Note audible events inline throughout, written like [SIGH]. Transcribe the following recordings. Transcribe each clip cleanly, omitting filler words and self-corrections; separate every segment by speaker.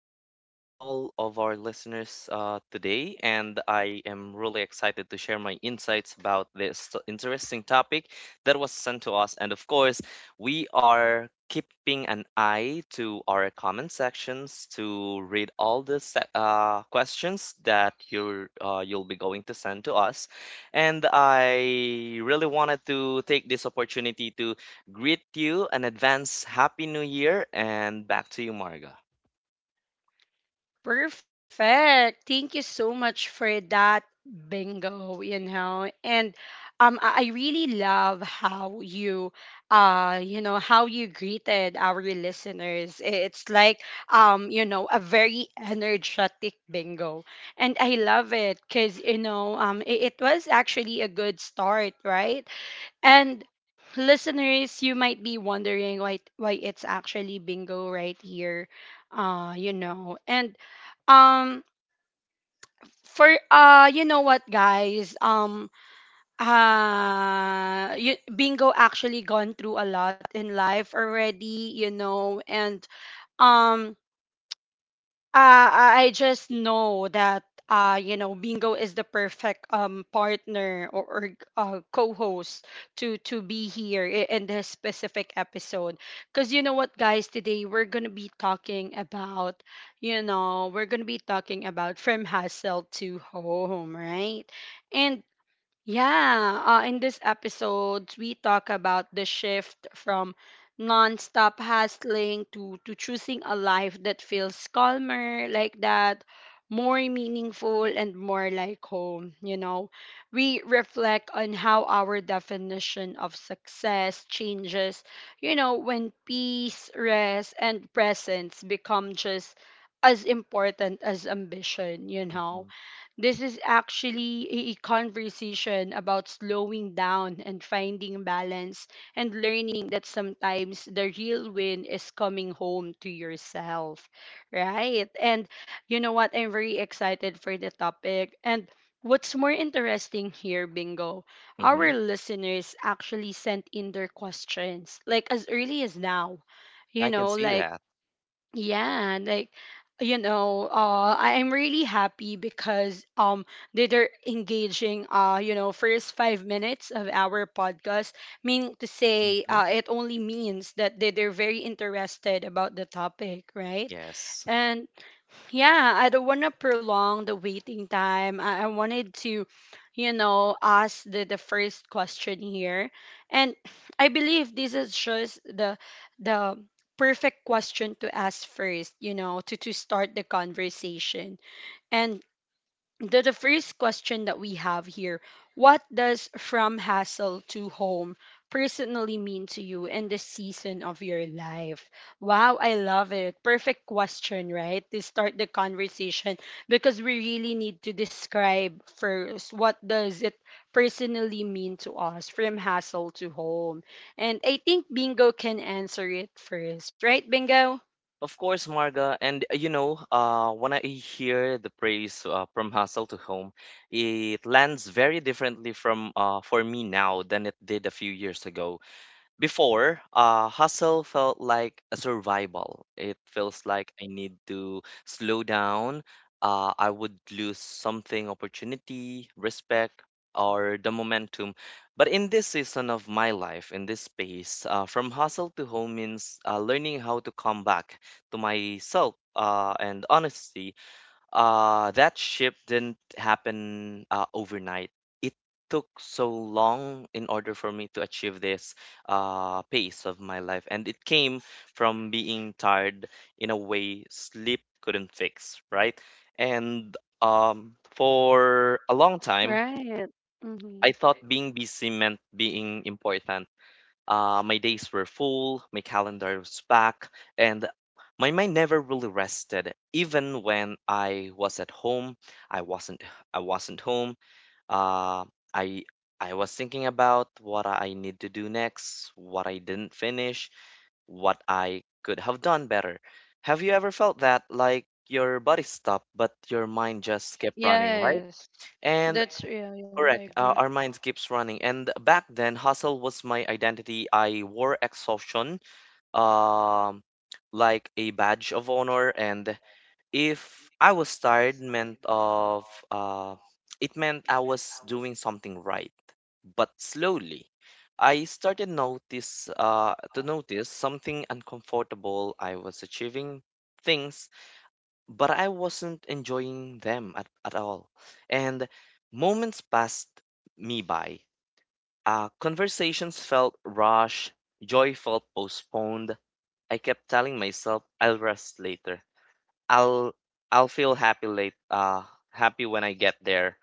Speaker 1: to our all of our listeners today. And I am really excited to share my insights about this interesting topic that was sent to us. And of course, we are keeping an eye to our comment sections to read all the questions that you'll be going to send to us. And I really wanted to take this opportunity to greet you and advance Happy New Year and back to you, Marga.
Speaker 2: Perfect. Thank you so much for that bingo, you know. And I really love how you you know how you greeted our listeners. It's like a very energetic bingo. And I love it cuz it was actually a good start, right? And listeners, you might be wondering why it's actually bingo right here. You know. And um for bingo actually gone through a lot in life already, you know. And um Uh, I I just know that you know, Bingo is the perfect partner, or co-host to be here in this specific episode. Because you know what, guys, today we're gonna be talking about, you know, we're gonna be talking about from hustle to home, right? And yeah, in this episode, we talk about the shift from nonstop hustling to choosing a life that feels calmer, like that, more meaningful, and more like home. You know, we reflect on how our definition of success changes, you know, when peace, rest, and presence become just as important as ambition, you know,
Speaker 1: hmm
Speaker 2: this is actually a conversation about slowing down and finding balance and learning that sometimes the real win is coming home to yourself, right? And you know what? I'm very excited for the topic. And what's more interesting here, Bingo, our
Speaker 1: hmm
Speaker 2: listeners actually sent in their questions like as early as now. You
Speaker 1: I can
Speaker 2: know,
Speaker 1: see
Speaker 2: like
Speaker 1: that.
Speaker 2: yeah, like you know, I am really happy because they're engaging first 5 minutes of our podcast. Meaning to say,
Speaker 1: hmm
Speaker 2: it only means that they're very interested about the topic, right?
Speaker 1: Yes.
Speaker 2: Yeah, I don't want to prolong the waiting time. I wanted to, you know, ask the first question here. And [SIGHS] I believe this is just the perfect question to ask first, you know, to start the conversation. And the first question that we have here, what does from hassle to home personally mean to you in this season of your life? Wow, I love it. Perfect question, right, to start the conversation, because we really need to describe first what does it personally mean to us from hassle to home. And I think Bingo can answer it first, right, Bingo?
Speaker 1: Of course, Marga. And when I hear the praise from hustle to home, it lands very differently from for me now than it did a few years ago. Before, hustle felt like a survival. It feels like I need to slow down. I would lose something, opportunity, respect, or the momentum. But in this season of my life, in this space, from hustle to home means learning how to come back to myself and honesty that shift didn't happen overnight. It took so long in order for me to achieve this pace of my life, and it came from being tired in a way sleep couldn't fix, right? And for a long time,
Speaker 2: Right.
Speaker 1: I
Speaker 2: Mm-hmm.
Speaker 1: thought being busy meant being important. My days were full, my calendar was packed, and my mind never really rested. Even when I was at home, I wasn't. I wasn't home. Uh, I I was thinking about what I need to do next, what I didn't finish, what I could have done better. Have you ever felt that, like your body stopped, but your mind just kept running, right? And
Speaker 2: Yeah, yeah
Speaker 1: Correct.
Speaker 2: I-
Speaker 1: Our minds keeps running. And back then, hustle was my identity. I wore exhaustion, um, like a badge of honor. And if I was tired, it meant I was doing something right. But slowly, I started to notice something uncomfortable. I was achieving things but I wasn't enjoying them at all. And moments passed me by. Conversations felt rushed, joy felt postponed. I kept telling myself I'll rest later. I'll I'll feel happy when I get there.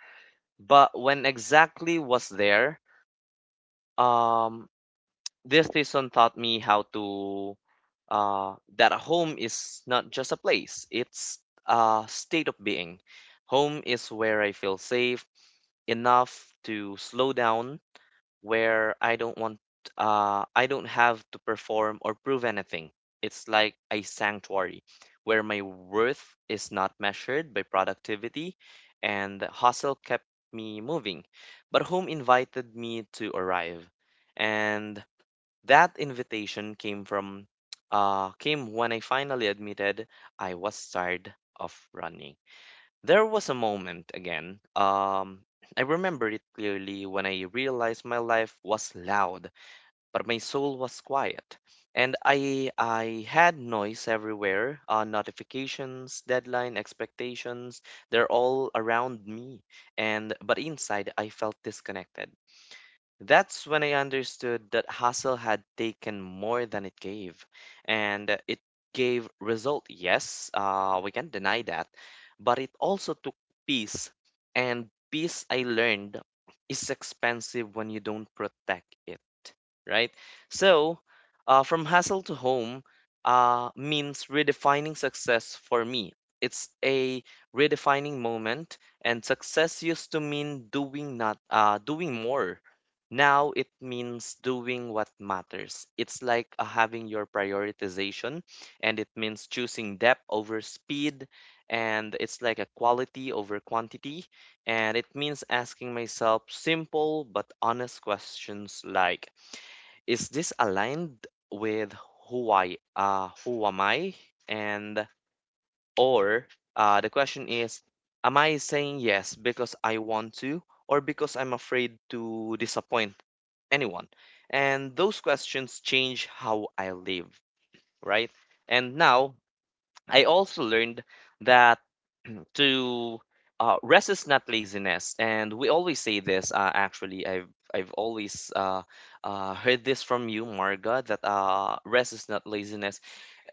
Speaker 1: But when exactly was there, um this season taught me how to that a home is not just a place, it's a state of being. Home is where I feel safe enough to slow down, where I don't have to perform or prove anything. It's like a sanctuary where my worth is not measured by productivity, and hustle kept me moving. But home invited me to arrive, and that invitation came from came when I finally admitted I was tired of running. There was a moment again. I remember it clearly when I realized my life was loud, but my soul was quiet. And I had noise everywhere, notifications, deadline, expectations, they're all around me. And but inside I felt disconnected. That's when I understood that hustle had taken more than it gave. And it gave result, yes, we can deny that. But it also took peace. And peace, I learned, is expensive when you don't protect it, right? So, from hustle to home means redefining success for me. It's a redefining moment, and success used to mean doing not doing more. Now it means doing what matters. It's like having your prioritization, and it means choosing depth over speed, and it's like a quality over quantity, and it means asking myself simple but honest questions like, is this aligned with who am I? And or the question is, am I saying yes because I want to or because I'm afraid to disappoint anyone? And those questions change how I live, right? And now I also learned that to rest is not laziness, and we always say this. Actually, I've always heard this from you, Marga, that rest is not laziness.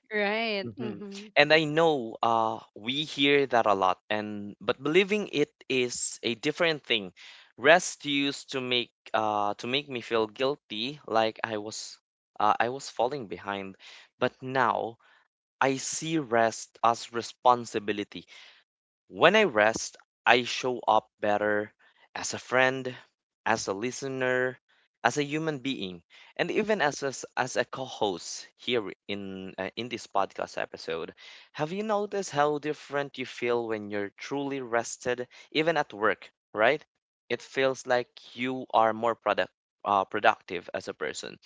Speaker 2: right
Speaker 1: Mhm.
Speaker 2: mm-hmm.
Speaker 1: And I know we hear that a lot, and but believing it is a different thing. Rest used to make me feel guilty, like I was falling behind. But now I see rest as responsibility. When I rest, I show up better as a friend, as a listener, as a human being, and even as as a co-host here in this podcast episode. Have you noticed how different you feel when you're truly rested, even at work, right? It feels like you are more productive as a person.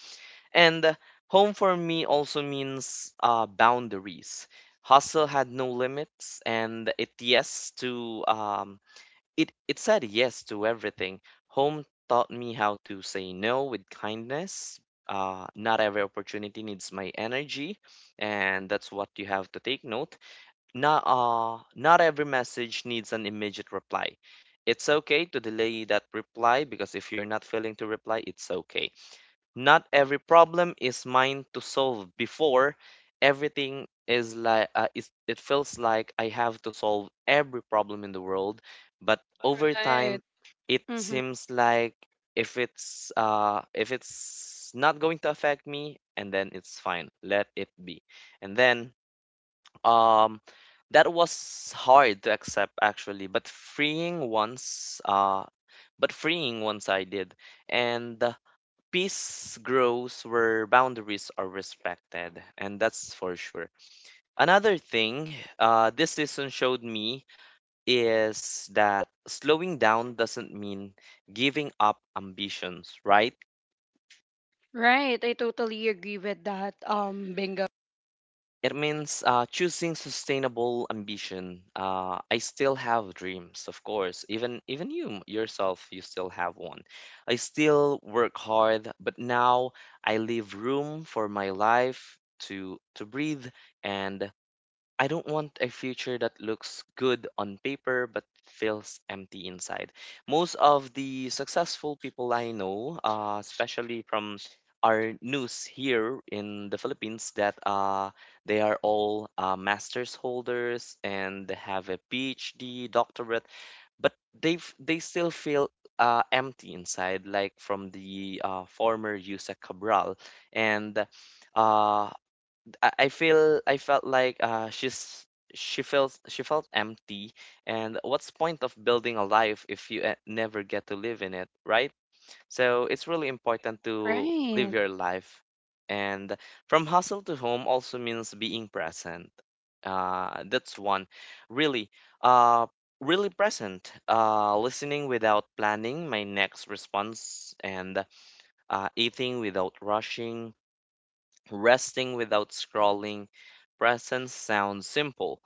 Speaker 1: And home for me also means boundaries. Hustle had no limits, and it said yes to everything. Home taught me how to say no with kindness. Not every opportunity needs my energy, and that's what you have to take note. Not every message needs an immediate reply. It's okay to delay that reply because if you're not feeling to reply, it's okay. Not every problem is mine to solve. Before everything is like it feels like I have to solve every problem in the world, but over
Speaker 2: Right.
Speaker 1: time it
Speaker 2: Mm-hmm.
Speaker 1: seems like if it's not going to affect me and then it's fine, let it be. And then um that was hard to accept actually, but freeing once I did. And peace grows where boundaries are respected, and that's for sure. Another thing this season showed me is that slowing down doesn't mean giving up ambitions, right?
Speaker 2: Right. I totally agree with that. Bingo.
Speaker 1: It means choosing sustainable ambition. I still have dreams, of course. Even you yourself, you still have one. I still work hard, but now I leave room for my life to breathe, and I don't want a future that looks good on paper but feels empty inside. Most of the successful people I know, especially from our news here in the Philippines, that they are all master's holders and they have a PhD, doctorate, but they still feel empty inside, like from the former Yusek Cabral, and uh, I felt like she's she feels she felt empty. And what's point of building a life if you never get to live in it, right? So it's really important to
Speaker 2: Right.
Speaker 1: live your life. And from hustle to home also means being present. That's one really uh, really present, listening without planning my next response, and eating without rushing, resting without scrolling. Presence sounds simple,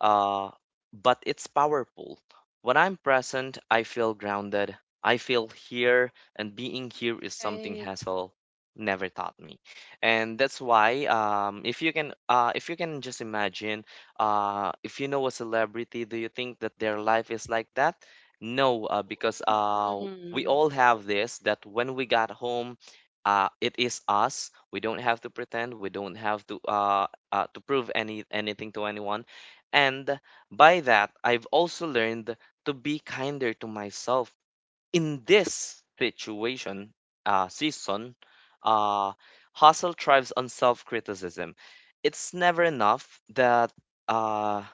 Speaker 1: uh, but it's powerful. When I'm present, I feel grounded. I feel here, and being here is something Hassel never taught me, and that's why if you can just imagine, if you know a celebrity, do you think that their life is like that? No, because
Speaker 2: Mm-hmm.
Speaker 1: we all have this that when we got home, it is us. We don't have to pretend. We don't have to prove anything to anyone. And by that, I've also learned to be kinder to myself in this situation season. Uh, hustle thrives on self-criticism. It's never enough. That uh,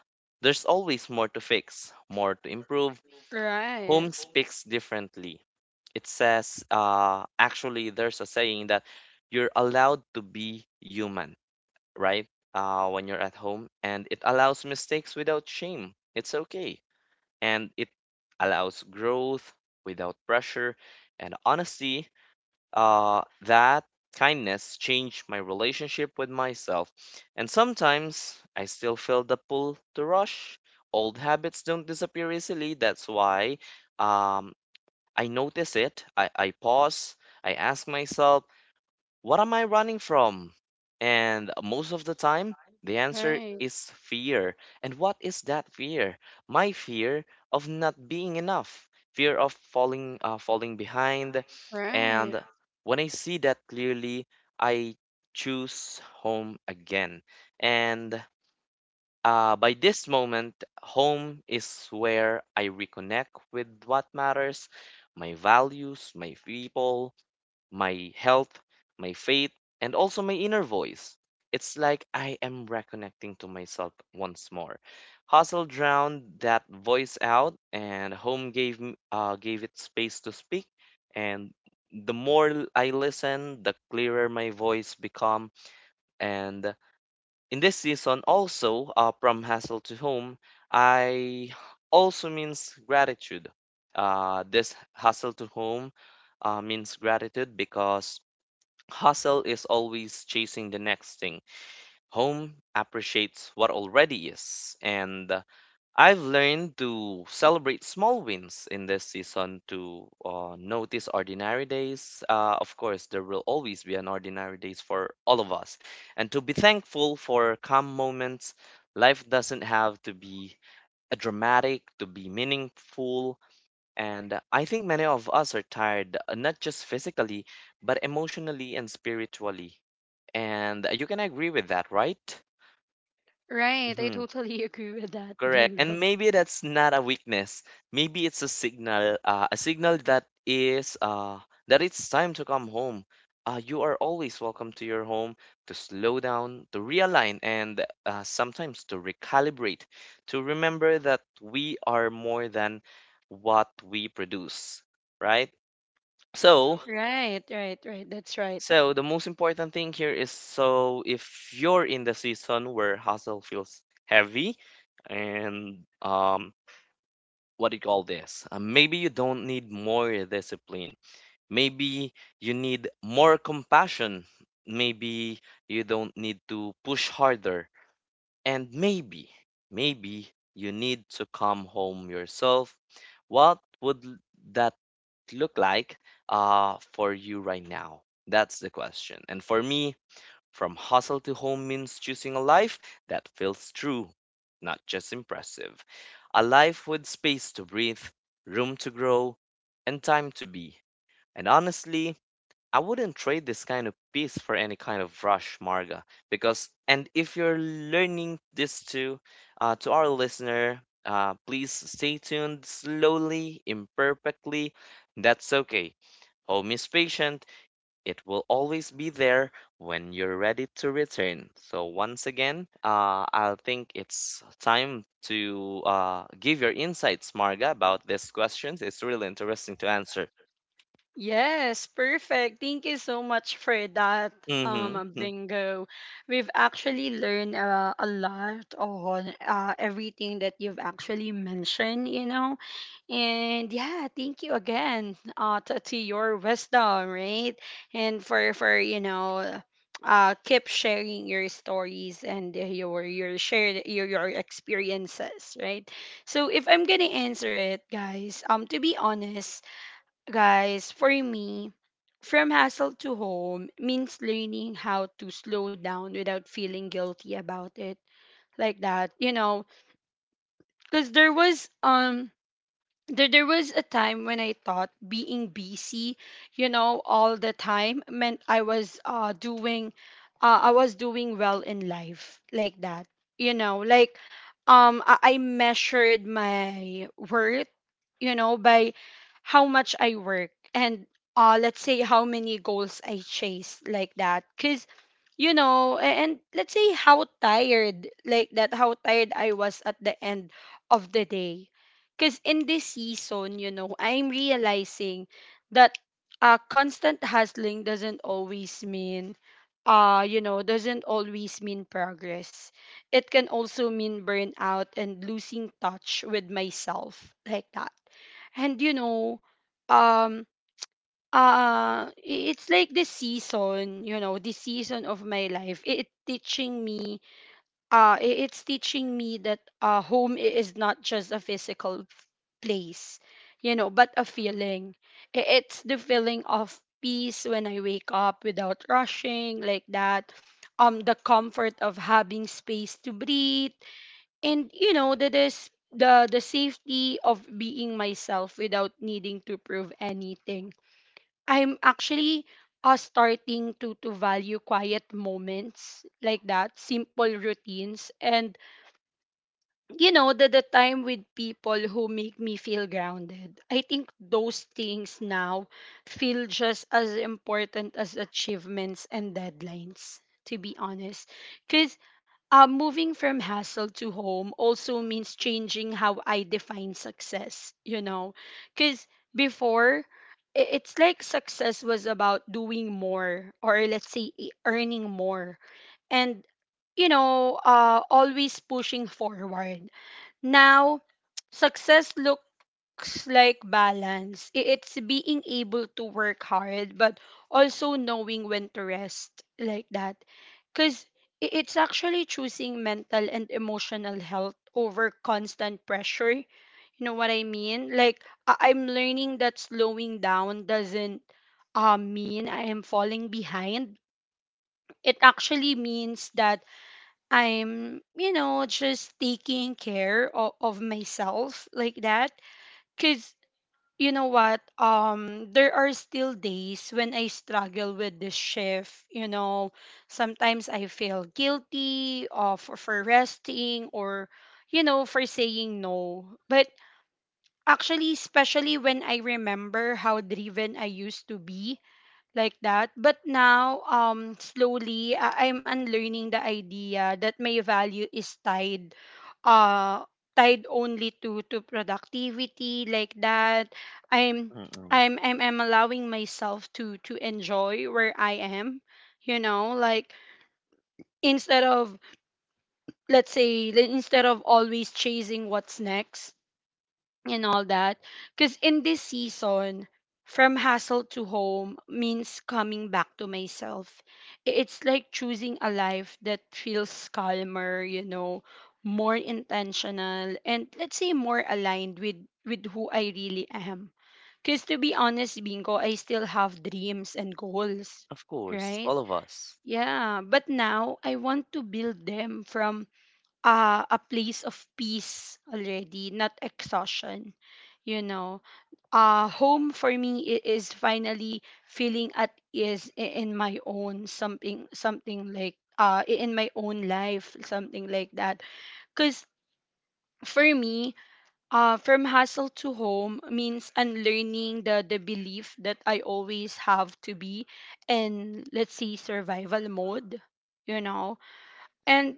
Speaker 1: there's always more to fix, more to improve.
Speaker 2: Right.
Speaker 1: Home speaks differently. It says, actually, there's a saying that you're allowed to be human, right? When you're at home, and it allows mistakes without shame. It's okay. And it allows growth without pressure. And honestly, that kindness changed my relationship with myself. And sometimes I still feel the pull to rush. Old habits don't disappear easily. That's why um, I notice it. I pause. I ask myself, what am I running from? And most of the time, the answer
Speaker 2: Right.
Speaker 1: is fear. And what is that fear? My fear of not being enough, fear of falling behind.
Speaker 2: Right.
Speaker 1: And when I see that clearly, I choose home again. And by this moment, home is where I reconnect with what matters: my values, my people, my health, my faith, and also my inner voice. It's like I am reconnecting to myself once more. Hustle drowned that voice out, and home gave it space to speak. And the more I listen, the clearer my voice become. And in this season also, from hassle to home, I also means gratitude. This hustle to home means gratitude because hustle is always chasing the next thing. Home appreciates what already is, and I've learned to celebrate small wins in this season, to notice ordinary days. Of course, there will always be an ordinary days for all of us, and to be thankful for calm moments. Life doesn't have to be dramatic to be meaningful, and I think many of us are tired, not just physically, but emotionally and spiritually. And you can agree with that, right?
Speaker 2: Right. I
Speaker 1: Mhm,
Speaker 2: totally [LAUGHS] agree with that.
Speaker 1: correct. And
Speaker 2: Bingo.
Speaker 1: maybe that's not a weakness. Maybe it's a signal that it's time to come home. You are always welcome to your home to slow down, to realign, and sometimes to recalibrate, to remember that we are more than what we produce, right? So,
Speaker 2: Right. Right. Right. That's right.
Speaker 1: so, the most important thing here is, so if you're in the season where hustle feels heavy. And what do you call this? Maybe you don't need more discipline. Maybe you need more compassion. Maybe you don't need to push harder. And maybe you need to come home yourself. What would that look like for you right now? That's the question. And for me, from hustle to home means choosing a life that feels true, not just impressive. A life with space to breathe, room to grow, and time to be. And honestly, I wouldn't trade this kind of peace for any kind of rush, Marga. Because, and if you're learning this too, to our listener, please stay tuned slowly, imperfectly. That's okay. Home is patient. It will always be there when you're ready to return. So, once again, I think it's time to give your insights, Marga, about these questions. It's really interesting to answer.
Speaker 2: Yes, perfect. Thank you so much for that,
Speaker 1: Mm-hmm. Mm.
Speaker 2: bingo. We've actually learned a lot on everything that you've actually mentioned, you know. And yeah, thank you again to your wisdom, right? And for you know, keep sharing your stories and your share your experiences, right? So if I'm gonna answer it, guys, to be honest, guys, for me, from hassle to home means learning how to slow down without feeling guilty about it, like that, you know, because there was a time when I thought being busy, you know, all the time meant I was doing I was doing well in life like that. You know, like I measured my worth, you know, by how much I work and let's say how many goals I chase like that. Cause you know, and let's say how tired like that, how tired I was at the end of the day. Because in this season, you know, I'm realizing that constant hustling doesn't always mean doesn't always mean progress. It can also mean burnout and losing touch with myself, like that. And you know, um it's like this season, you know, this season of my life, it teaching me, it's teaching me that home is not just a physical place, you know, but a feeling. It's the feeling of peace when I wake up without rushing, like that. Um, the comfort of having space to breathe, and you know, that is the safety of being myself without needing to prove anything. I'm actually starting to value quiet moments, like that, simple routines, and you know, the time with people who make me feel grounded. I think those things now feel just as important as achievements and deadlines, to be honest, because moving from hassle to home also means changing how I define success, you know, because before, it's like success was about doing more, or let's say earning more and, you know, always pushing forward. Now, [TSK] success looks like balance. It's being able to work hard, but also knowing when to rest, like that. Because it's actually choosing mental and emotional health over constant pressure. You know what I mean? Like, I'm learning that slowing down doesn't mean I am falling behind. It actually means that I'm, you know, just taking care of myself, like that. Cause you know what? There are still days when I struggle with this shift. You know, sometimes I feel guilty of for resting, or, you know, for saying no. But actually, especially when I remember how driven I used to be, like that. But now, slowly, I'm unlearning the idea that my value is tied, uh, tied only to productivity, like that. I'm,
Speaker 1: Mm-mm.
Speaker 2: I'm allowing myself to enjoy where I am, you know, like, instead of, let's say, like, instead of always chasing what's next and all that. Because in this season, from hassle to home means coming back to myself. It's like choosing a life that feels calmer, you know, more intentional, and let's say more aligned with who I really am. Because to be honest, Bingo, I still have dreams and goals,
Speaker 1: Of course,
Speaker 2: right?
Speaker 1: all of us.
Speaker 2: Yeah, but now I want to build them from a place of peace already, not exhaustion. You know, home for me is finally feeling at ease in my own something, something like in my own life, something like that. Cause for me, from hustle to home means unlearning the belief that I always have to be in, let's say, survival mode. You know, and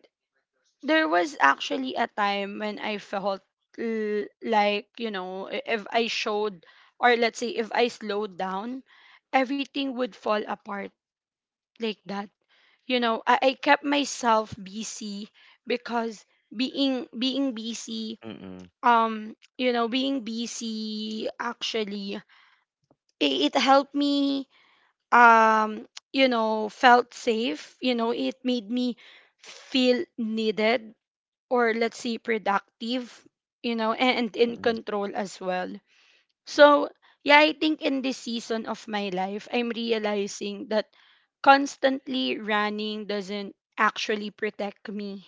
Speaker 2: there was actually a time when I felt like, you know, if I showed, or let's say if I slowed down, everything would fall apart, like that. You know, I kept myself busy because being busy,
Speaker 1: Mm-mm.
Speaker 2: you know, being busy actually, it helped me, um, [TSK] you know, felt safe, you know, it made me feel needed, or let's say productive, you know, and in
Speaker 1: Mm-mm.
Speaker 2: control as well. So, yeah, I think in this season of my life, I'm realizing that constantly running doesn't actually protect me.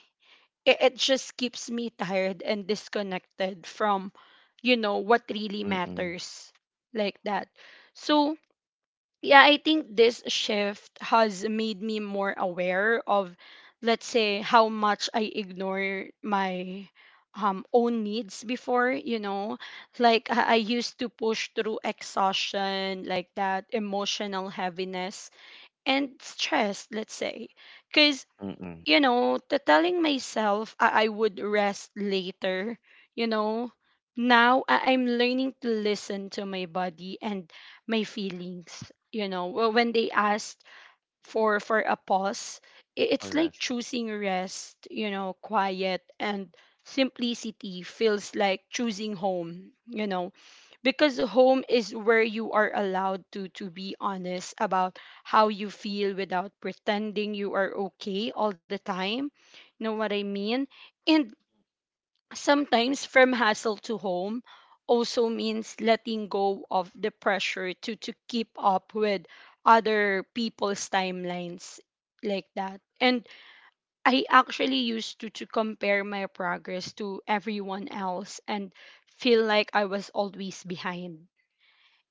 Speaker 2: It just keeps me tired and disconnected from, you know, what really
Speaker 1: Mm-mm.
Speaker 2: matters, like that. So, yeah, I think this shift has made me more aware of, let's say, how much I ignore my own needs before, you know. Like, I used to push through exhaustion, like that, emotional heaviness and stress, let's say. Because
Speaker 1: Mm-mm.
Speaker 2: you know, to telling myself I would rest later, you know, now I'm learning to listen to my body and my feelings. You know, well, when they asked for a pause, it's like
Speaker 1: Correct.
Speaker 2: choosing rest, you know, quiet and simplicity feels like choosing home, you know, because home is where you are allowed to be honest about how you feel without pretending you are okay all the time, you know what I mean. And sometimes from hustle to home also means letting go of the pressure to keep up with other people's timelines, like that. And I actually used to compare my progress to everyone else and feel like I was always behind.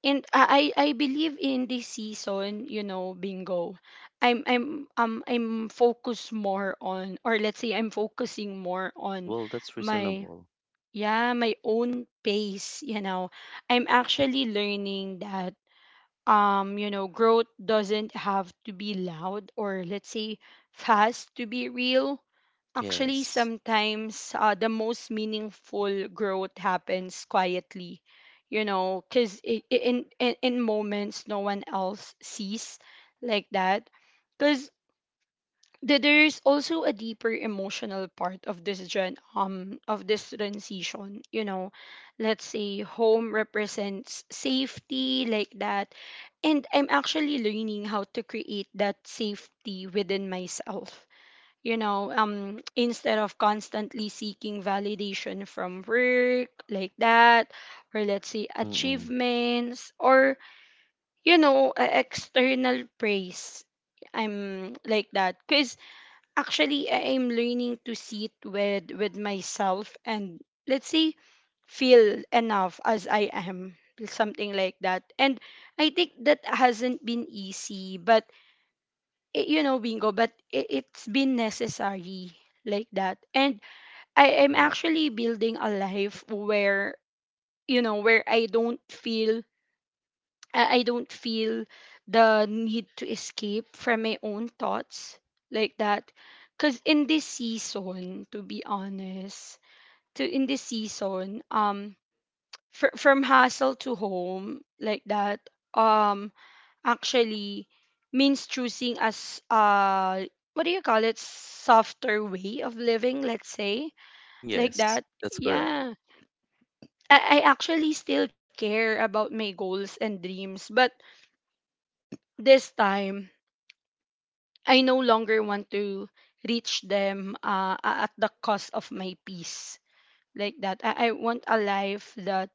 Speaker 2: And I believe in this season, you know, bingo, I'm focused more on, or let's say I'm focusing more on
Speaker 1: Well, that's
Speaker 2: my,
Speaker 1: reasonable.
Speaker 2: yeah, my own pace, you know. I'm actually learning that, you know, growth doesn't have to be loud, or let's say fast, to be real. Actually,
Speaker 1: Yes.
Speaker 2: sometimes the most meaningful growth happens quietly, you know, because in moments no one else sees, like that. Because there's also a deeper emotional part of this gen of this transition, you know. Let's say home represents safety, like that, and I'm actually learning how to create that safety within myself, you know. [TSK] Instead of constantly seeking validation from work, like that, or let's say
Speaker 1: Mm-mm.
Speaker 2: achievements, or you know, external praise. I'm, like that, because actually I am learning to sit with myself, and let's say feel enough as I am, something like that. And I think that hasn't been easy, but you know, bingo, but it's been necessary, like that. And I am
Speaker 1: Correct.
Speaker 2: actually building a life where, you know, where I don't feel, I don't feel the need to escape from my own thoughts, like that. 'Cause in this season, to be honest, to in this season, from hustle to home, like that, um, actually means choosing as what do you call it, softer way of living, let's say, like
Speaker 1: Yes,
Speaker 2: that.
Speaker 1: that's correct.
Speaker 2: Yeah, I actually still care about my goals and dreams, but this time I no longer want to reach them at the cost of my peace. Like that. I want a life that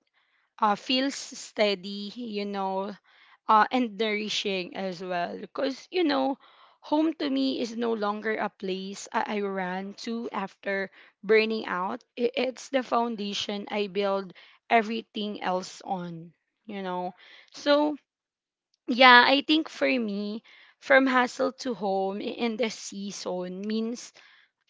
Speaker 2: feels steady, you know, and nourishing as well. Because, you know, home to me is no longer a place I ran to after burning out. It's the foundation I build everything else on, you know. So, yeah, I think for me, from hustle to home in the season means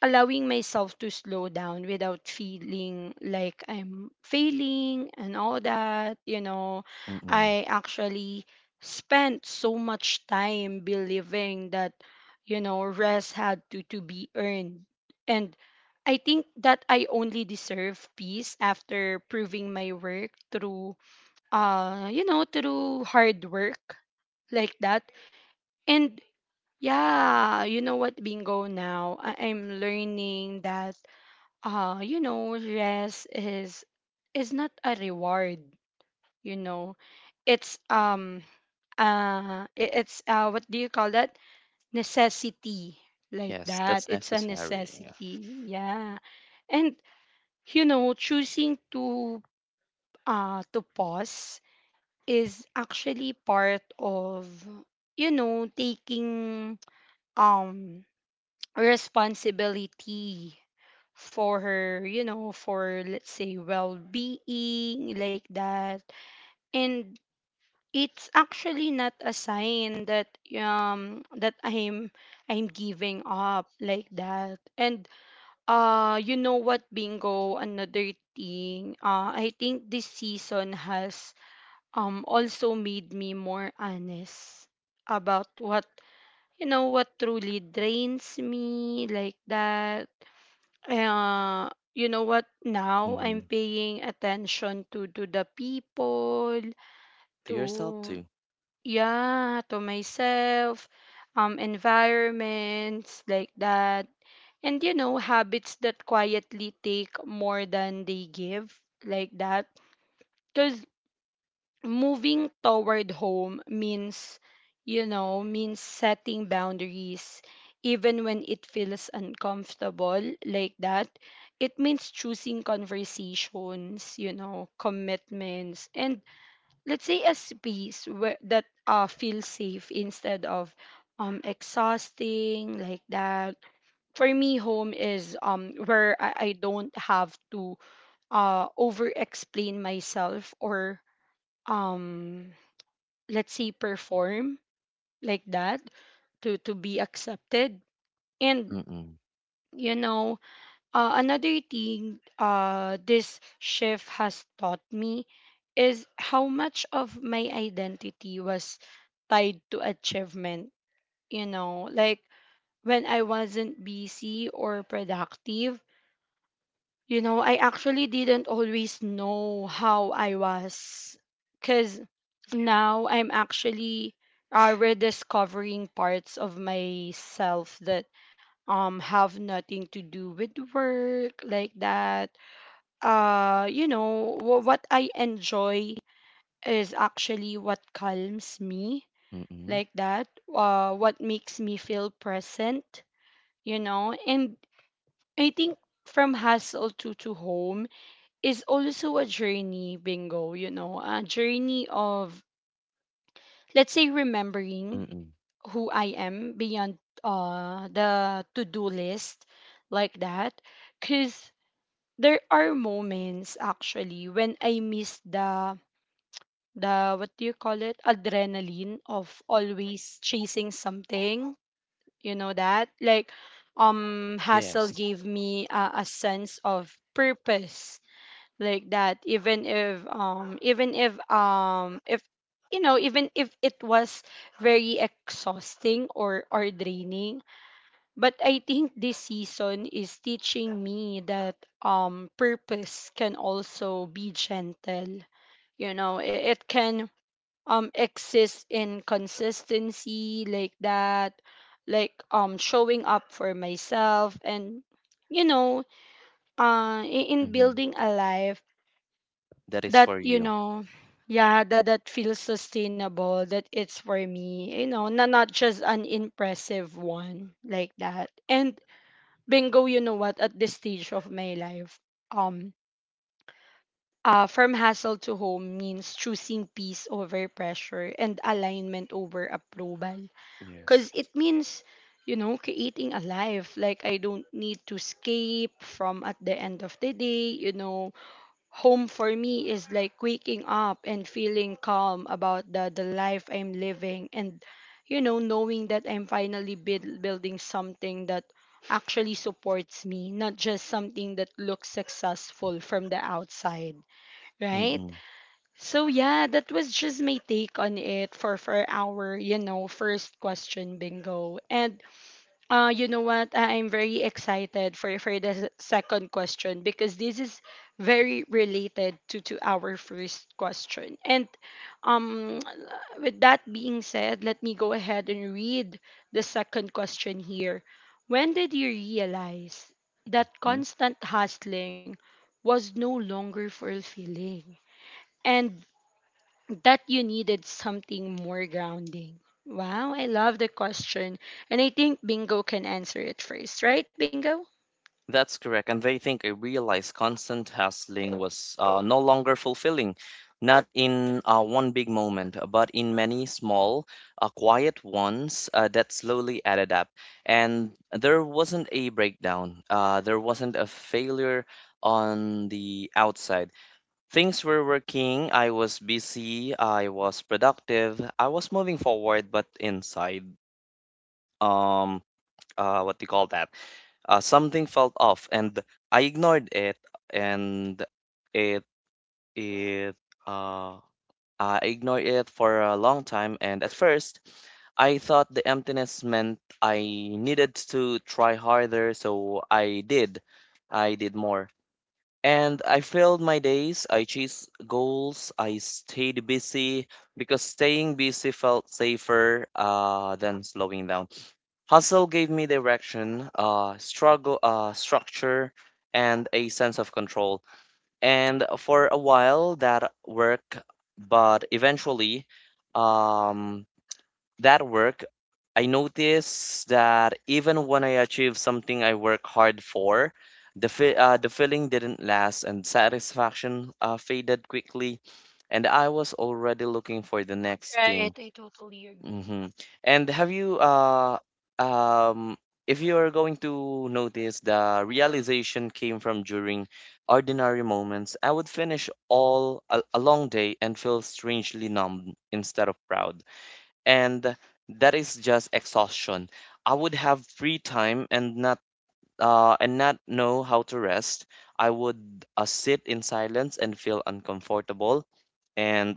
Speaker 2: allowing myself to slow down without feeling like I'm failing and all that. You know,
Speaker 1: Mm-mm.
Speaker 2: I actually spent so much time believing that, you know, rest had to be earned. And I think that I only deserve peace after proving my work through, you know, through hard work, like that. And, yeah, you know what, bingo, now I'm learning that, you know, rest is not a reward, you know. It's what do you call that, necessity, like
Speaker 1: Yes,
Speaker 2: that.
Speaker 1: that's
Speaker 2: It's a
Speaker 1: necessary. Yeah.
Speaker 2: necessity, yeah. And, you know, choosing to pause is actually part of, you know, taking um responsibility for her, you know, for, let's say, well-being, like that. And it's actually not a sign that I'm, I'm giving up, like that. And you know what, bingo, another thing, I think this season has also made me more honest about what, you know, what truly drains me, like that. You know what, now I'm
Speaker 1: Mm-hmm.
Speaker 2: paying attention to, the people.
Speaker 1: To yourself
Speaker 2: To,
Speaker 1: too.
Speaker 2: yeah, to myself, environments, like that, and, you know, habits that quietly take more than they give, like that. 'Cause moving toward home means, you know, means setting boundaries, even when it feels uncomfortable, like that. It means choosing conversations, you know, commitments, and let's say a space where that feels safe instead of exhausting, like that. For me, home is where I don't have to over explain myself, or um let's say perform, like that, to be accepted. And,
Speaker 1: Mm-mm.
Speaker 2: you know, another thing, this shift has taught me is how much of my identity was tied to achievement, you know, like when I wasn't busy or productive. You know, I actually didn't always know how I was, because now I'm actually rediscovering parts of myself that have nothing to do with work, like that. You know, what I enjoy is actually what calms me,
Speaker 1: Mm,
Speaker 2: like that. What makes me feel present. You know, and I think from hustle to home is also a journey, bingo, you know, a journey of, let's say, remembering
Speaker 1: mm.
Speaker 2: who I am beyond the to do list, like that. Because there are moments actually when I miss the what do you call it, adrenaline of always chasing something, you know, that, like, hustle
Speaker 1: Yes.
Speaker 2: gave me a, sense of purpose, like that. Even if, you know, even if it was very exhausting, or, draining. But I think this season is teaching me that purpose can also be gentle, you know. It can exist in consistency, like that, like, showing up for myself, and, you know, in
Speaker 1: Mhm.
Speaker 2: building a life
Speaker 1: That is
Speaker 2: that,
Speaker 1: for
Speaker 2: you
Speaker 1: you.
Speaker 2: know, yeah, that feels sustainable, that it's for me, you know, not, just an impressive one, like that. And, bingo, you know what, at this stage of my life, um from hassle to home means choosing peace over pressure and alignment over approval. 'Cuz
Speaker 1: Yes.
Speaker 2: it means, you know, creating a life like I don't need to escape from at the end of the day, you know. Home for me is like waking up and feeling calm about the life I'm living, and, you know, knowing that I'm finally building something that actually supports me, not just something that looks successful from the outside, right?
Speaker 1: Mm,
Speaker 2: So, yeah, that was just my take on it for our, you know, first question, bingo. And, you know what, I'm very excited for the second question, because this is very related to our first question. And, um, [TSK] with that being said, let me go ahead and read the second question here. When did you realize that
Speaker 1: mm.
Speaker 2: constant hustling was no longer fulfilling? And that you needed something more grounding? Wow, I love the question. And I think Bingo can answer it first, right, Bingo?
Speaker 1: That's correct. And they think I realized constant hustling was no longer fulfilling, not in one big moment, but in many small, quiet ones that slowly added up. And there wasn't a breakdown, there wasn't a failure on the outside. Things were working, I was busy, I was productive, I was moving forward, but inside, um, what do you call that? Something felt off, and I ignored it, and it, it, uh, I ignored it for a long time, and at first, I thought the emptiness meant I needed to try harder, so I did. I did more. And I filled my days, I chased goals, I stayed busy because staying busy felt safer than slowing down. Hustle gave me direction, struggle, structure, and a sense of control. And for a while that worked, but eventually, um, that work, I notice that even when I achieve something I work hard for, the feeling didn't last and satisfaction faded quickly, and I was already looking for the next
Speaker 2: Right,
Speaker 1: thing.
Speaker 2: I totally agree.
Speaker 1: Hmm. And have you um if you are going to notice, the realization came from during ordinary moments. I would finish a long day and feel strangely numb instead of proud, and that is just exhaustion. I would have free time and not know how to rest. I would sit in silence and feel uncomfortable, and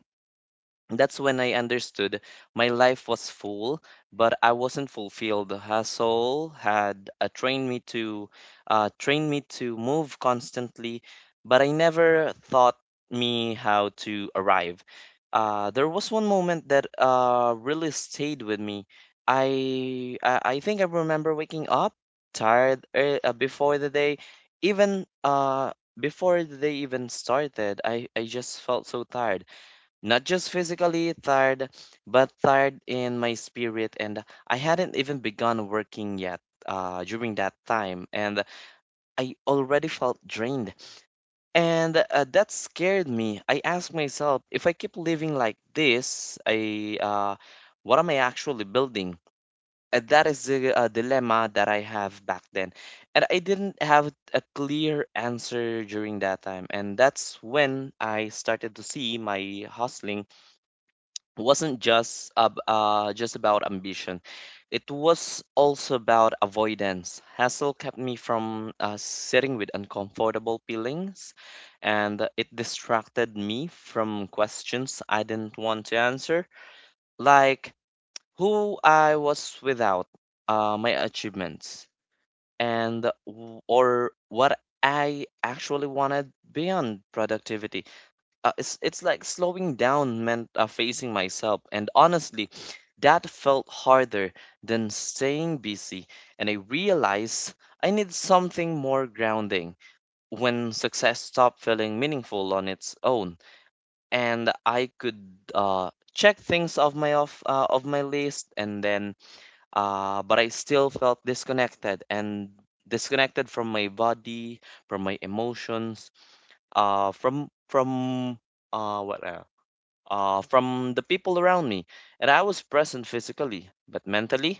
Speaker 1: that's when I understood my life was full, but I wasn't fulfilled. Hustle had trained me to move constantly, but I never taught me how to arrive. There was one moment that really stayed with me. I think I remember waking up tired, even uh, before the day even started. I just felt so tired, not just physically tired, but tired in my spirit. And I hadn't even begun working yet during that time, and I already felt drained. And that scared me. I asked myself, if I keep living like this, I what am I actually building? And that is the dilemma that I have back then. And I didn't have a clear answer during that time. And that's when I started to see my hustling wasn't just about ambition. It was also about avoidance. Hassle kept me from sitting with uncomfortable feelings, and it distracted me from questions I didn't want to answer, like who I was without my achievements, and or what I actually wanted beyond productivity. It's like slowing down meant facing myself, and honestly, that felt harder than staying busy. And I realized I need something more grounding when success stopped feeling meaningful on its own, and I could check things off my off of my list, and then but I still felt disconnected and disconnected from my body, from my emotions, from what else? From the people around me, and I was present physically, but mentally,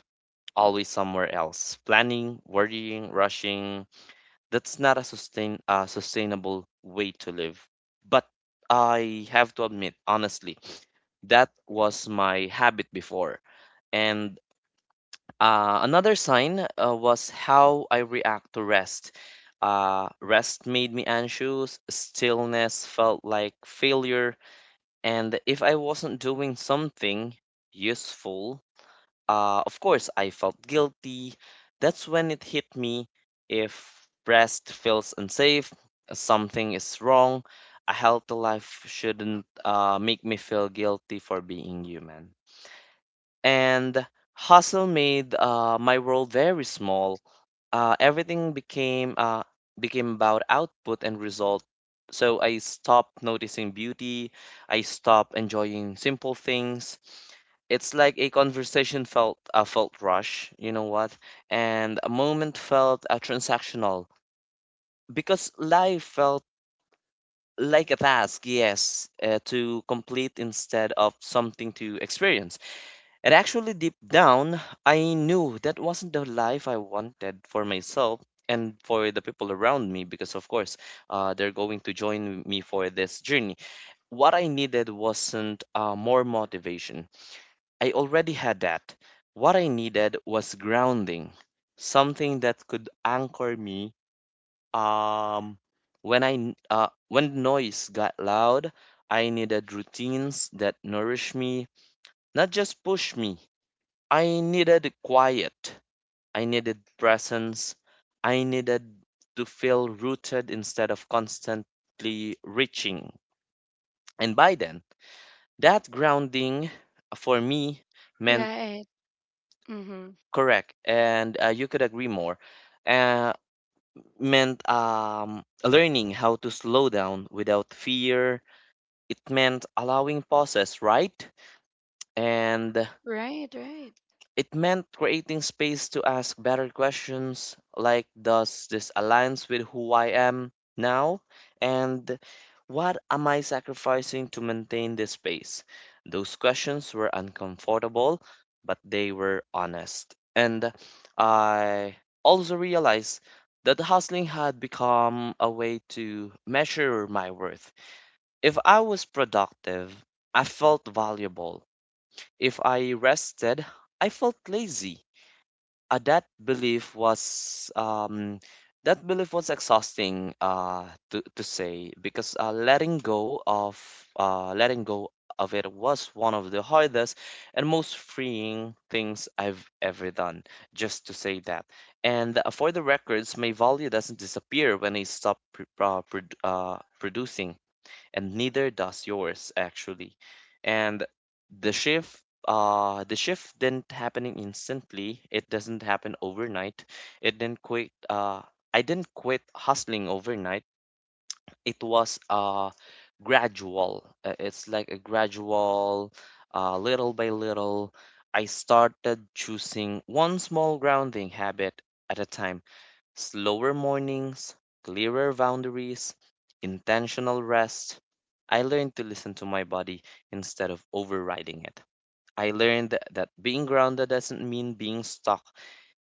Speaker 1: always somewhere else. Planning, worrying, rushing. That's not a sustainable way to live. But I have to admit, honestly, that was my habit before. And another sign was how I react to rest. Rest made me anxious, stillness felt like failure, and if I wasn't doing something useful, of course I felt guilty. That's when it hit me. If rest feels unsafe, something is wrong. A healthy life shouldn't make me feel guilty for being human, and hustle made my world very small. Everything became about output and result. So I stopped noticing beauty. I stopped enjoying simple things. It's like a conversation felt rush. You know what? And a moment felt transactional because life felt like a task. Yes, to complete instead of something to experience. And actually, deep down, I knew that wasn't the life I wanted for myself and for the people around me because, of course, they're going to join me for this journey. What I needed wasn't more motivation, I already had that. What I needed was grounding, something that could anchor me. Um, when when noise got loud, I needed routines that nourish me, not just push me. I needed quiet. I needed presence. I needed to feel rooted instead of constantly reaching. And by then, that grounding for me meant,
Speaker 2: Right. Mm-hmm.
Speaker 1: correct, and you could agree more, uh, meant, learning how to slow down without fear. It meant allowing pauses, right? And
Speaker 2: Right, right.
Speaker 1: it meant creating space to ask better questions, like, does this aligns with who I am now, and what am I sacrificing to maintain this space? Those questions were uncomfortable, but they were honest. And I also realized that hustling had become a way to measure my worth. If I was productive, I felt valuable. If I rested, I felt lazy. uh, that belief was um, that belief was exhausting to say, because letting go of it was one of the hardest and most freeing things I've ever done. Just to say that, and for the records, my value doesn't disappear when I stop producing, and neither does yours actually. And the shift the shift didn't happening instantly. It doesn't happen overnight. It didn't quit I didn't quit hustling overnight. It was gradual. It's like a gradual, little by little I started choosing one small grounding habit at a time. Slower mornings, clearer boundaries, intentional rest. I learned to listen to my body instead of overriding it. I learned that being grounded doesn't mean being stuck.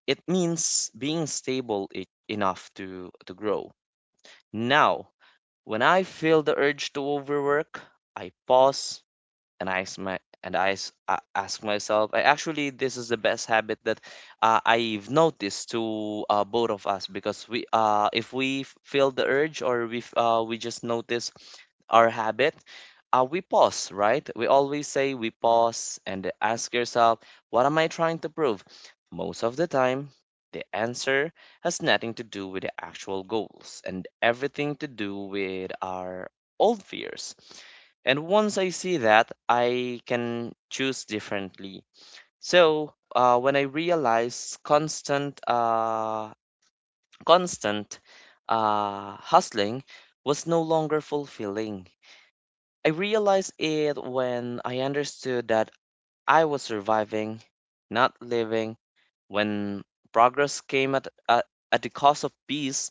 Speaker 1: It means being stable enough to grow. Now, when I feel the urge to overwork, I pause, and I ask my and I s- a- ask myself, I actually this is the best habit that I've noticed to both of us, because we if we feel the urge, or we just notice our habit, we pause, right? We always say we pause and ask yourself, what am I trying to prove? Most of the time, the answer has nothing to do with the actual goals and everything to do with our old fears. And once I see that, I can choose differently. So, when I realized constant hustling was no longer fulfilling, I realized it when I understood that I was surviving, not living. When progress came at the cost of peace,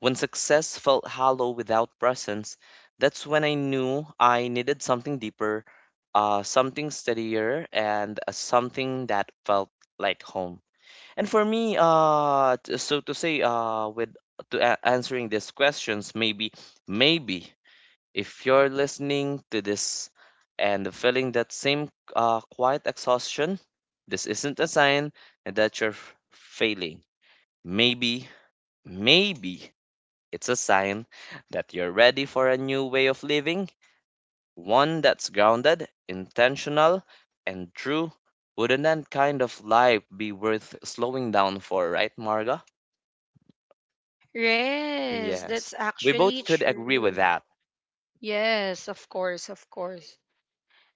Speaker 1: when success felt hollow without presence, that's when I knew I needed something deeper, something steadier, and something that felt like home. And for me, so to say, answering these questions, maybe if you're listening to this and feeling that same quiet exhaustion, this isn't a sign that you're failing. Maybe, maybe it's a sign that you're ready for a new way of living, one that's grounded, intentional, and true. Wouldn't that kind of life be worth slowing down for, right, Marga?
Speaker 2: Yes,
Speaker 1: Yes,
Speaker 2: that's
Speaker 1: we
Speaker 2: actually
Speaker 1: both could agree
Speaker 2: true.
Speaker 1: with that.
Speaker 2: Yes, of course, of course.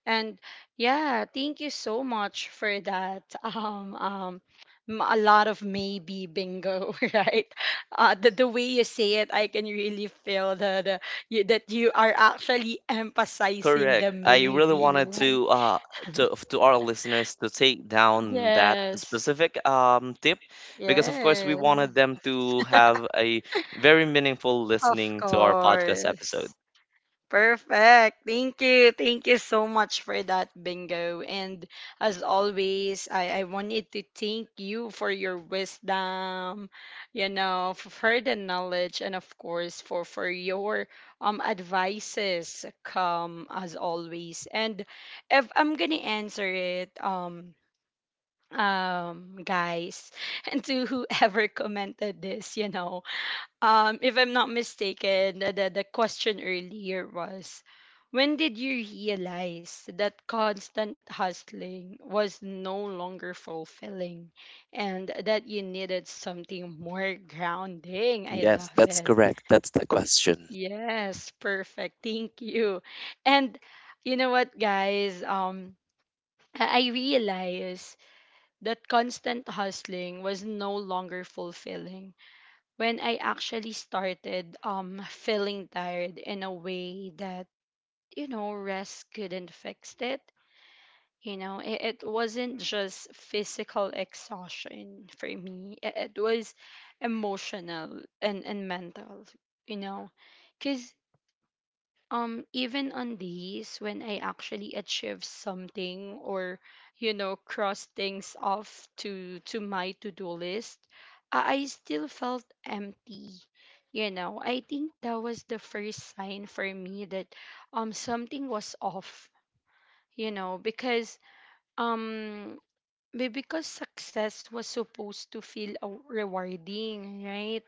Speaker 2: And, yeah, thank you so much for that. [LAUGHS] Um, um, a lot of maybe, bingo, [LAUGHS] right? The, way you say it, I can really feel the you, that you are actually emphasizing the
Speaker 1: Correct. I really
Speaker 2: maybe,
Speaker 1: wanted
Speaker 2: right?
Speaker 1: to our listeners to take down that
Speaker 2: Yes,
Speaker 1: specific tip, because of course we wanted
Speaker 2: yes,
Speaker 1: them to have
Speaker 2: [LAUGHS]
Speaker 1: a very meaningful
Speaker 2: of
Speaker 1: listening to our podcast episode.
Speaker 2: course. Perfect. Thank you. Thank you so much for that, Bingo. And as always, I wanted to thank you for your wisdom, you know, for the knowledge, and of course, for, your advices, come as always. And if I'm going to answer it, guys, [LAUGHS] and to whoever commented this, you know, if I'm not mistaken, the, the question earlier was, when did you realize that constant hustling was no longer fulfilling, and that you needed something more grounding? I
Speaker 1: Yes,
Speaker 2: love
Speaker 1: that's
Speaker 2: it.
Speaker 1: correct. That's the question.
Speaker 2: Yes, perfect. Thank you. And you know what, guys? I realized that constant hustling was no longer fulfilling when I actually started feeling tired in a way that, you know, rest couldn't fix it. You know, it wasn't just physical exhaustion for me. It was emotional and mental. You know, 'cause even on days when I actually achieve something, or, you know, cross things off to my to-do list, I still felt empty. You know, I think that was the first sign for me that something was off, you know, because um because success was supposed to feel rewarding, right?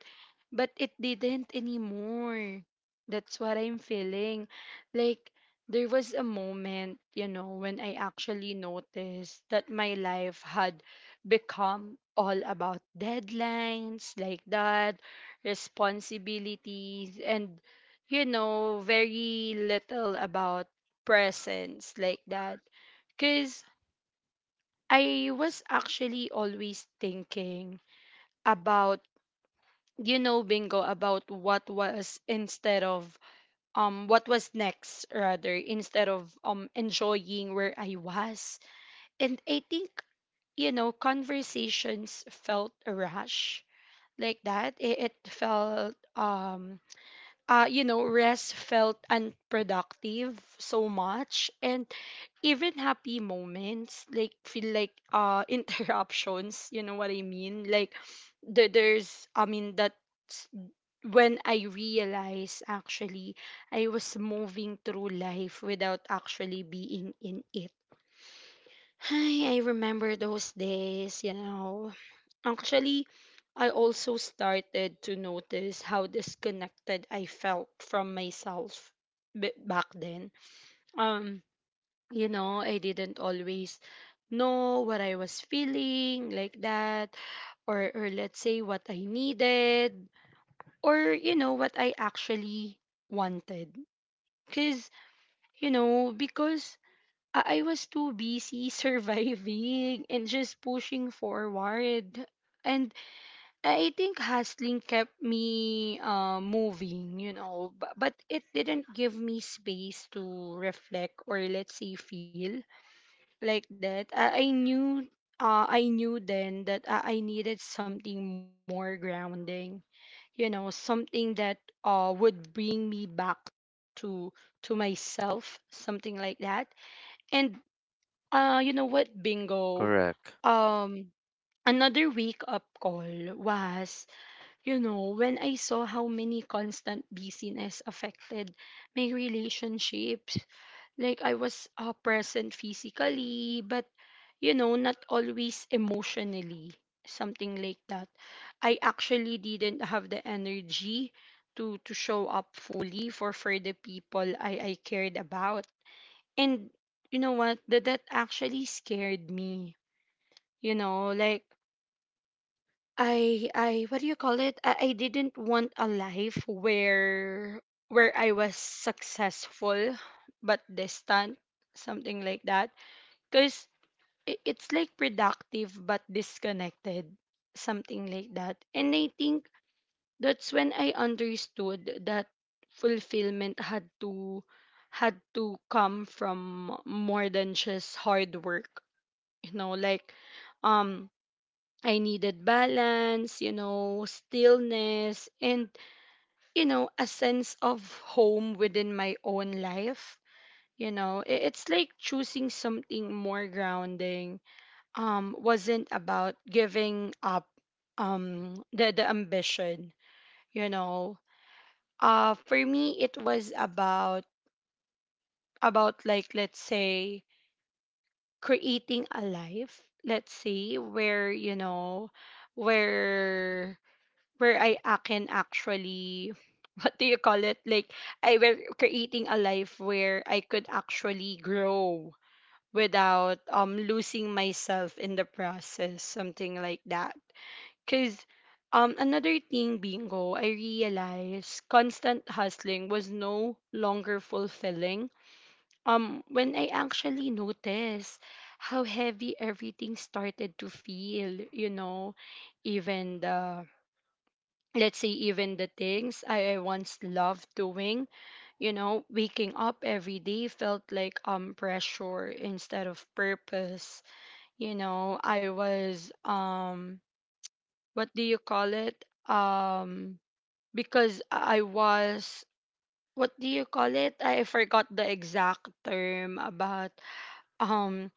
Speaker 2: But it didn't anymore. That's what I'm feeling. Like, there was a moment, you know, when I actually noticed that my life had become all about deadlines, like that, responsibilities, and, you know, very little about presence, like that. Because I was actually always thinking about, you know, bingo, about what was, instead of what was next, rather, instead of enjoying where I was. And I think, you know, conversations felt a rush, like that. It felt you know, rest felt unproductive so much. And even happy moments, like, feel like, [LAUGHS] interruptions, you know what I mean? Like, the, there's, I mean, that when I realized actually I was moving through life without actually being in it. [SIGHS] I remember those days, you know. Actually, I also started to notice how disconnected I felt from myself back then. Um, you know, I didn't always know what I was feeling, like that, or, let's say what I needed, or, you know, what I actually wanted. 'Cuz, you know, because I was too busy [LAUGHS] surviving and just pushing forward. And I think hustling kept me, moving, you know, but, it didn't give me space to reflect, or let's say feel, like that. I, knew, I knew then that I needed something more grounding, you know, something that would bring me back to myself, something like that. And you know what, Bingo,
Speaker 1: Correct.
Speaker 2: um, another wake up call was, you know, when I saw how many constant busyness affected my relationships. Like, I was present physically, but, you know, not always emotionally, something like that. I actually didn't have the energy to show up fully for the people I cared about. And you know what? That actually scared me. You know, like I what do you call it? I didn't want a life where I was successful but distant, something like that. Cause it's like productive but disconnected, something like that. And I think that's when I understood that fulfillment had to had to come from more than just hard work. You know, like, um I needed balance, you know, stillness, and, you know, a sense of home within my own life. You know, it's like choosing something more grounding wasn't about giving up the ambition, you know. For me, it was about, like, let's say, creating a life, let's say, where, you know, where where I can actually [LAUGHS] what do you call it? Like, I were creating a life where I could actually grow without losing myself in the process, something like that. Cause another thing, Bingo, I realized constant hustling was no longer fulfilling. When I actually noticed how heavy everything started to feel, you know, even the, let's say, even the things I once loved doing. You know, waking up every day felt like pressure instead of purpose. You know, I was what do you call it um because I was what do you call it I forgot the exact term about. um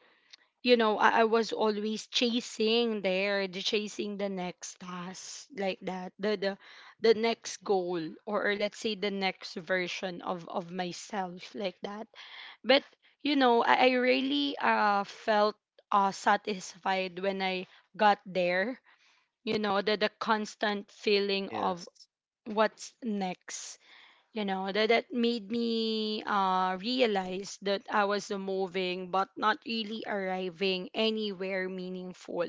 Speaker 2: you know, I was always chasing there, the chasing the next task, like that, the the next goal, or, let's say, the next version of myself, like that. But you know, I really felt satisfied when I got there. You know, the constant feeling of
Speaker 1: Yes.
Speaker 2: what's next, you know, that made me realize that I was moving but not really arriving anywhere meaningful,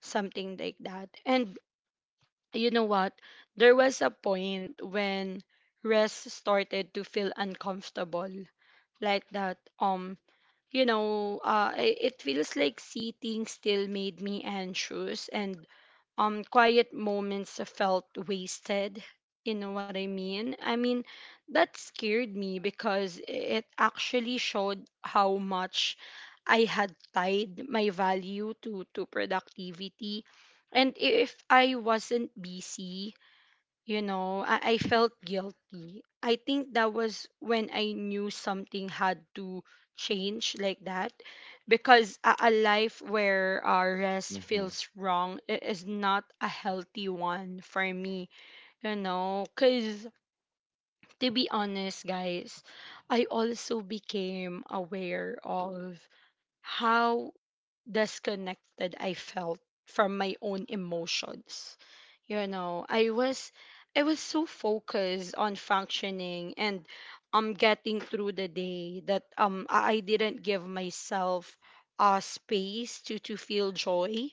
Speaker 2: something like that. And you know what? There was a point when rest started to feel uncomfortable, like that. You know, it feels like sitting still made me anxious, and quiet moments felt wasted. You know what I mean? I mean, that scared me because it actually showed how much I had tied my value to productivity. And if I wasn't busy, you know, I felt guilty. I think that was when I knew something had to change, like that, because a life where, rest
Speaker 1: Mm-hmm.
Speaker 2: feels wrong is not a healthy one for me, you know, because, to be honest, guys, I also became aware of how disconnected I felt from my own emotions. You know, I was so focused on functioning and getting through the day that um, I didn't give myself a space to feel joy,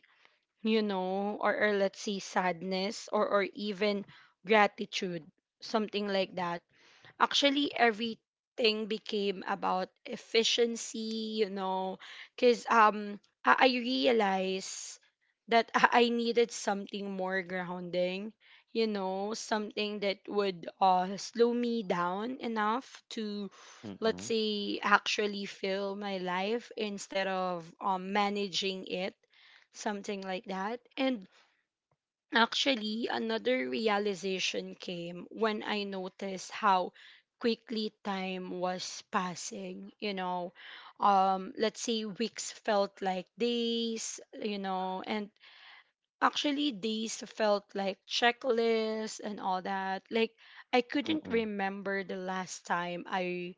Speaker 2: you know, or, let's say, sadness, or even gratitude, something like that. Actually, everything became about efficiency, you know, because, um, I realized that I needed something more grounding, you know, something that would, slow me down enough to, let's
Speaker 1: Mm-mm.
Speaker 2: say, actually fill my life instead of managing it, something like that. And actually, another realization came when I noticed how quickly time was passing. You know, let's say weeks felt like days, you know, and actually days felt like checklists and all that. Like, I couldn't
Speaker 1: Mm-mm.
Speaker 2: remember the last time I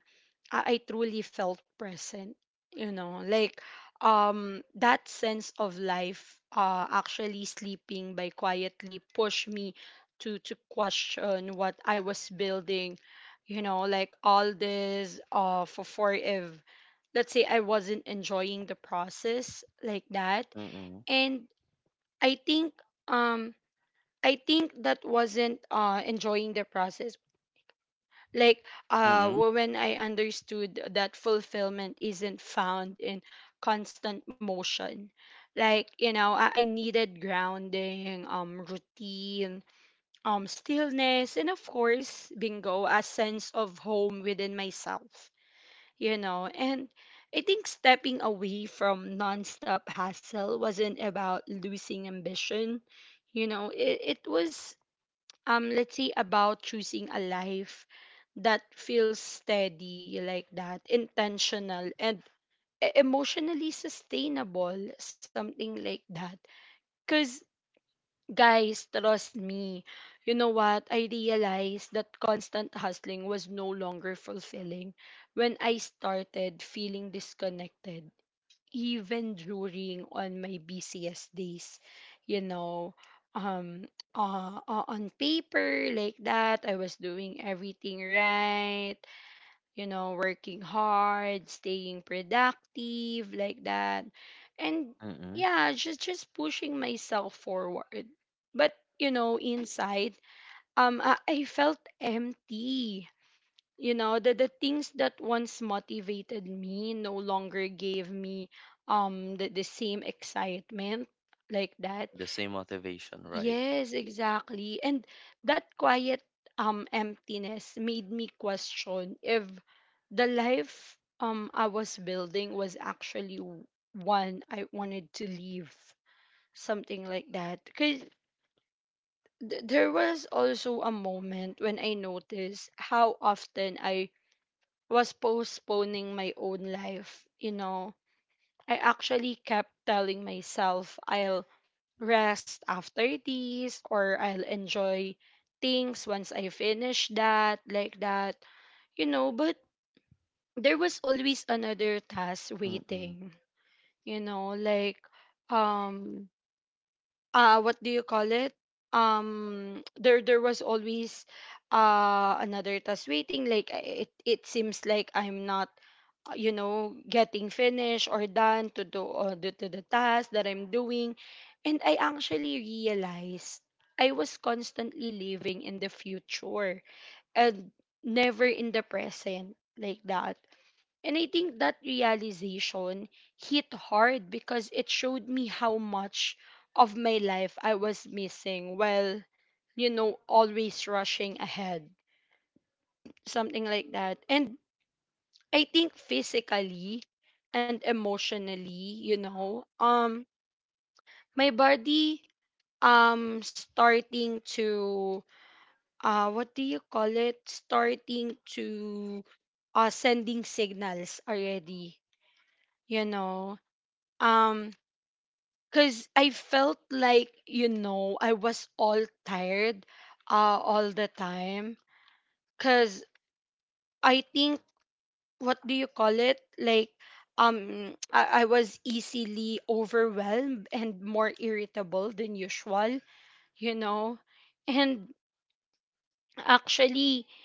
Speaker 2: I, I truly felt present. You know, like, that sense of life actually sleeping by quietly pushed me to question what I was building. You know, like, all this for if, let's say, I wasn't enjoying the process, like that.
Speaker 1: Mm-mm.
Speaker 2: And I think, um that wasn't enjoying the process, like,
Speaker 1: Mm-mm.
Speaker 2: when I understood that fulfillment isn't found in constant motion. Like, you know, I needed grounding, routine, stillness, and, of course, Bingo, a sense of home within myself, you know. And I think stepping away from nonstop hassle wasn't about losing ambition. You know, it was, let's say, about choosing a life that feels steady, like that, intentional, and emotionally sustainable, something like that. Because, guys, trust me, you know what, I realized that constant hustling was no longer fulfilling when I started feeling disconnected even during on my busiest days. You know, um on paper, like that, I was doing everything right, you know, working hard, staying productive, like that, and
Speaker 1: Mm-mm.
Speaker 2: yeah, just pushing myself forward. But, you know, inside, um, I felt empty. You know, the things that once motivated me no longer gave me the same excitement, like that.
Speaker 1: The same motivation, right?
Speaker 2: Yes, exactly. And that quiet emptiness made me question if the life I was building was actually one I wanted to live, something like that, because there was also a moment when I noticed how often I was postponing my own life, you know. I actually kept telling myself I'll rest after this, or I'll enjoy things once I finish that, like that, you know. But there was always another task
Speaker 1: Mm-mm.
Speaker 2: waiting, you know, like, um, what do you call it [TSK] there was always another task waiting, like, it it seems like I'm not, you know, getting finished or done to do, to the task that I'm doing. And I actually realized I was constantly living in the future and never in the present, like that. And I think that realization hit hard because it showed me how much of my life I was missing while, you know, always rushing ahead. Something like that. And I think physically and emotionally, you know, my body starting to, what do you call it? Starting to, sending signals already, you know. Um Because I felt like, you know, I was all tired, uh, all the time. Because, I think, what do you call it? Like, um, I was easily overwhelmed and more irritable than usual, you know? And actually,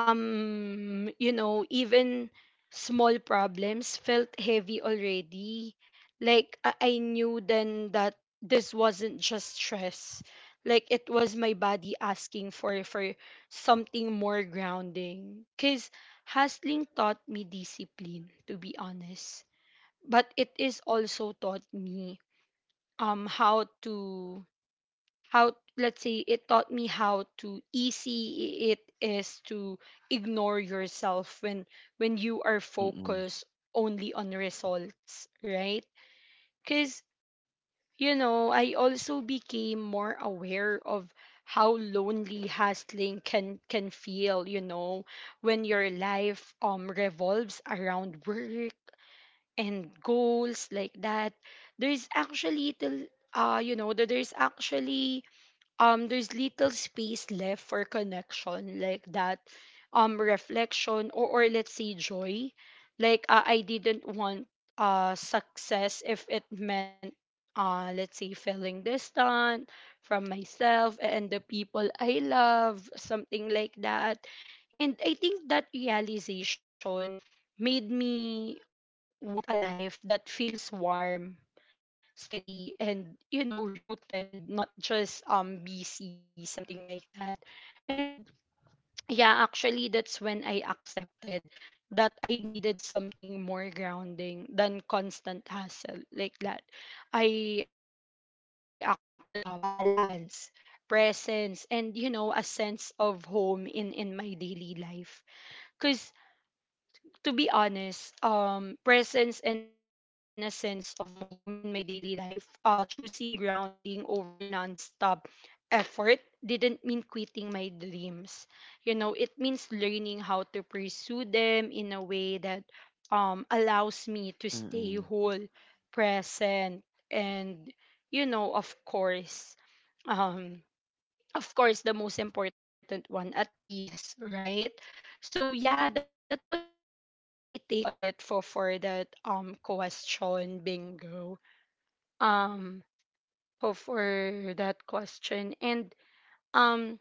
Speaker 2: you know, even small problems felt heavy already. Like, I knew then that this wasn't just stress, like, it was my body asking for something more grounding, because hustling taught me discipline, to be honest, but it is also taught me um how to how, let's say, it taught me how to easy it is to ignore yourself when you are
Speaker 1: Mm-mm.
Speaker 2: focused only on results, right? Because, you know, I also became more aware of how lonely hustling can feel, you know, when your life revolves around work and goals, like that. There's actually till, you know, that there's actually, there's little space left for connection, like that, reflection, or, let's say, joy, like, I didn't want success if it meant, let's say, feeling distant from myself and the people I love, something like that. And I think that realization made me want a life that feels warm, steady, and, you know, rooted, not just busy, something like that. And yeah, actually, that's when I accepted that I needed something more grounding than constant hassle, like that. I actually needed balance, presence, and, you know, a sense of home in my daily life. Cause, to be honest, presence and a sense of home in my daily life, choosing grounding over nonstop effort didn't mean quitting my dreams. You know, it means learning how to pursue them in a way that allows me to stay
Speaker 1: Mm-mm.
Speaker 2: whole, present, and, you know, um of course the most important one, at peace, right? So yeah, that was just my take on it for that question, Bingo. Um for for that question. And um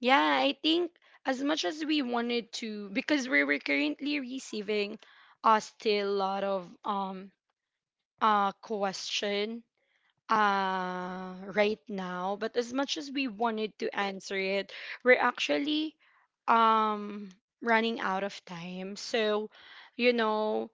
Speaker 2: yeah, I think, as much as we wanted to, because we were currently receiving still a lot of question right now, but as much as we wanted to answer it, we're actually um running out of time, so, you know,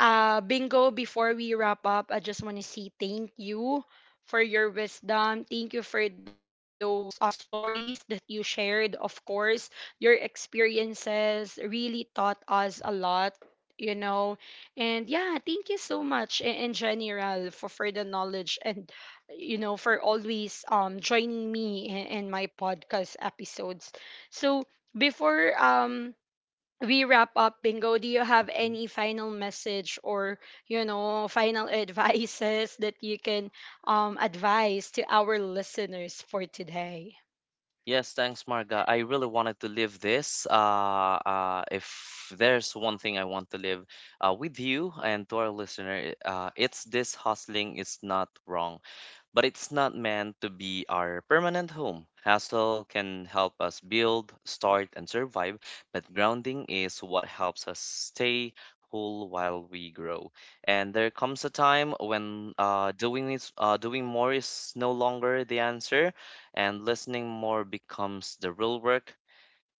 Speaker 2: Bingo, before we wrap up, I just want to say thank you for your wisdom. Thank you for those stories that you shared. Of course, your experiences really taught us a lot, you know. And yeah, thank you so much in general for the knowledge and, you know, for always joining me in my podcast episodes. So, before we wrap up, Bingo, do you have
Speaker 1: Mhm.
Speaker 2: any final message, or, you know, final [LAUGHS] advices that you can advise to our listeners for today?
Speaker 1: Yes, thanks, Marga. I really wanted to live this. If there's one thing I want to live with you and to our listener, it's this, hustling is not wrong. But it's not meant to be our permanent home. Hustle can help us build, start, and survive, but grounding is what helps us stay whole while we grow. And there comes a time when doing more is no longer the answer, and listening more becomes the real work.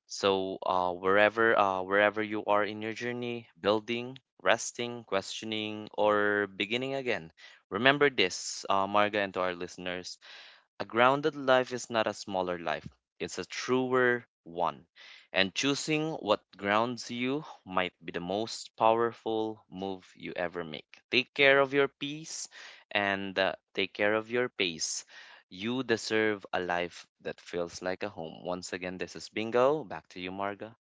Speaker 1: So, wherever you are in your journey, building, resting, questioning, or beginning again, remember this, Marga, and to our listeners. A grounded life is not a smaller life, it's a truer one. And choosing what grounds you might be the most powerful move you ever make. Take care of your peace, and take care of your pace. You deserve a life that feels like a home. Once again, this is Bingo. Back to you, Marga.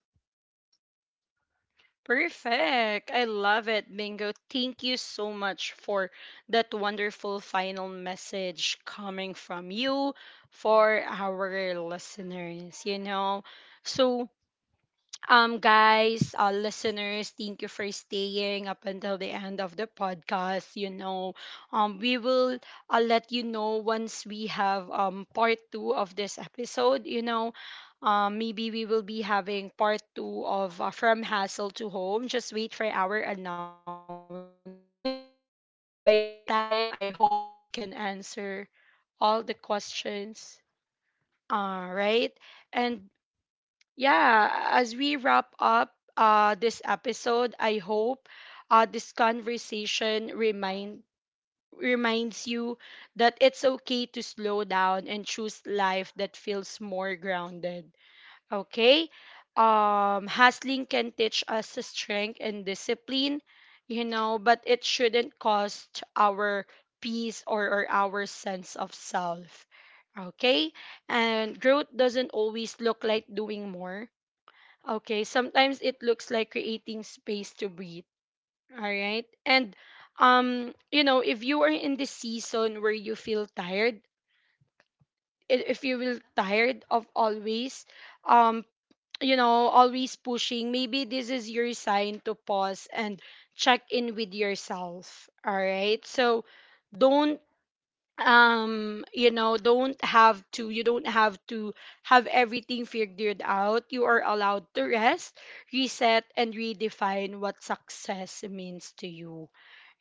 Speaker 2: Perfect, I love it, Bingo. Thank you so much for that wonderful final message coming from you for our listeners, you know. So, guys, listeners, thank you for staying up until the end of the podcast. You know, we will, let you know once we have part two of this episode. You know, maybe we will be having part two of, From Hassle to Home. Just wait for our announcement. Then by that time, I hope we can answer all the questions. All right, and yeah, as we wrap up, this episode, I hope, this conversation reminds you that it's okay to slow down and choose life that feels more grounded. Okay? Hustling can teach us strength and discipline, you know, but it shouldn't cost our peace, or our sense of self. Okay? And growth doesn't always look like doing more. Okay, sometimes it looks like creating space to breathe. All right. And you know, if you are in this season where you feel tired, if you will tired of always, um, you know, always pushing, maybe this is your sign to pause and check in with yourself. All right. So, don't, you don't have to have everything figured out. You are allowed to rest, reset, and redefine what success means to you.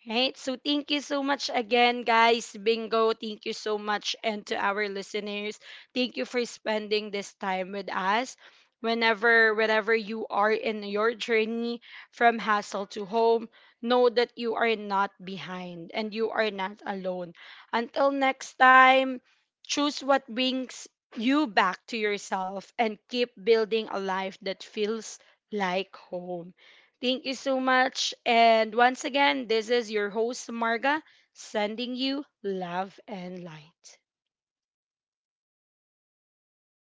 Speaker 2: Right. So thank you so much again, guys. Bingo, thank you so much. And to our listeners, thank you for spending this time with us. Whenever, wherever you are in your journey from hassle to home, know that you are not behind, and you are not alone. Until next time, choose what brings you back to yourself and keep building a life that feels like home. Thank you so much. And once again, this is your host, Marga, sending you love and light.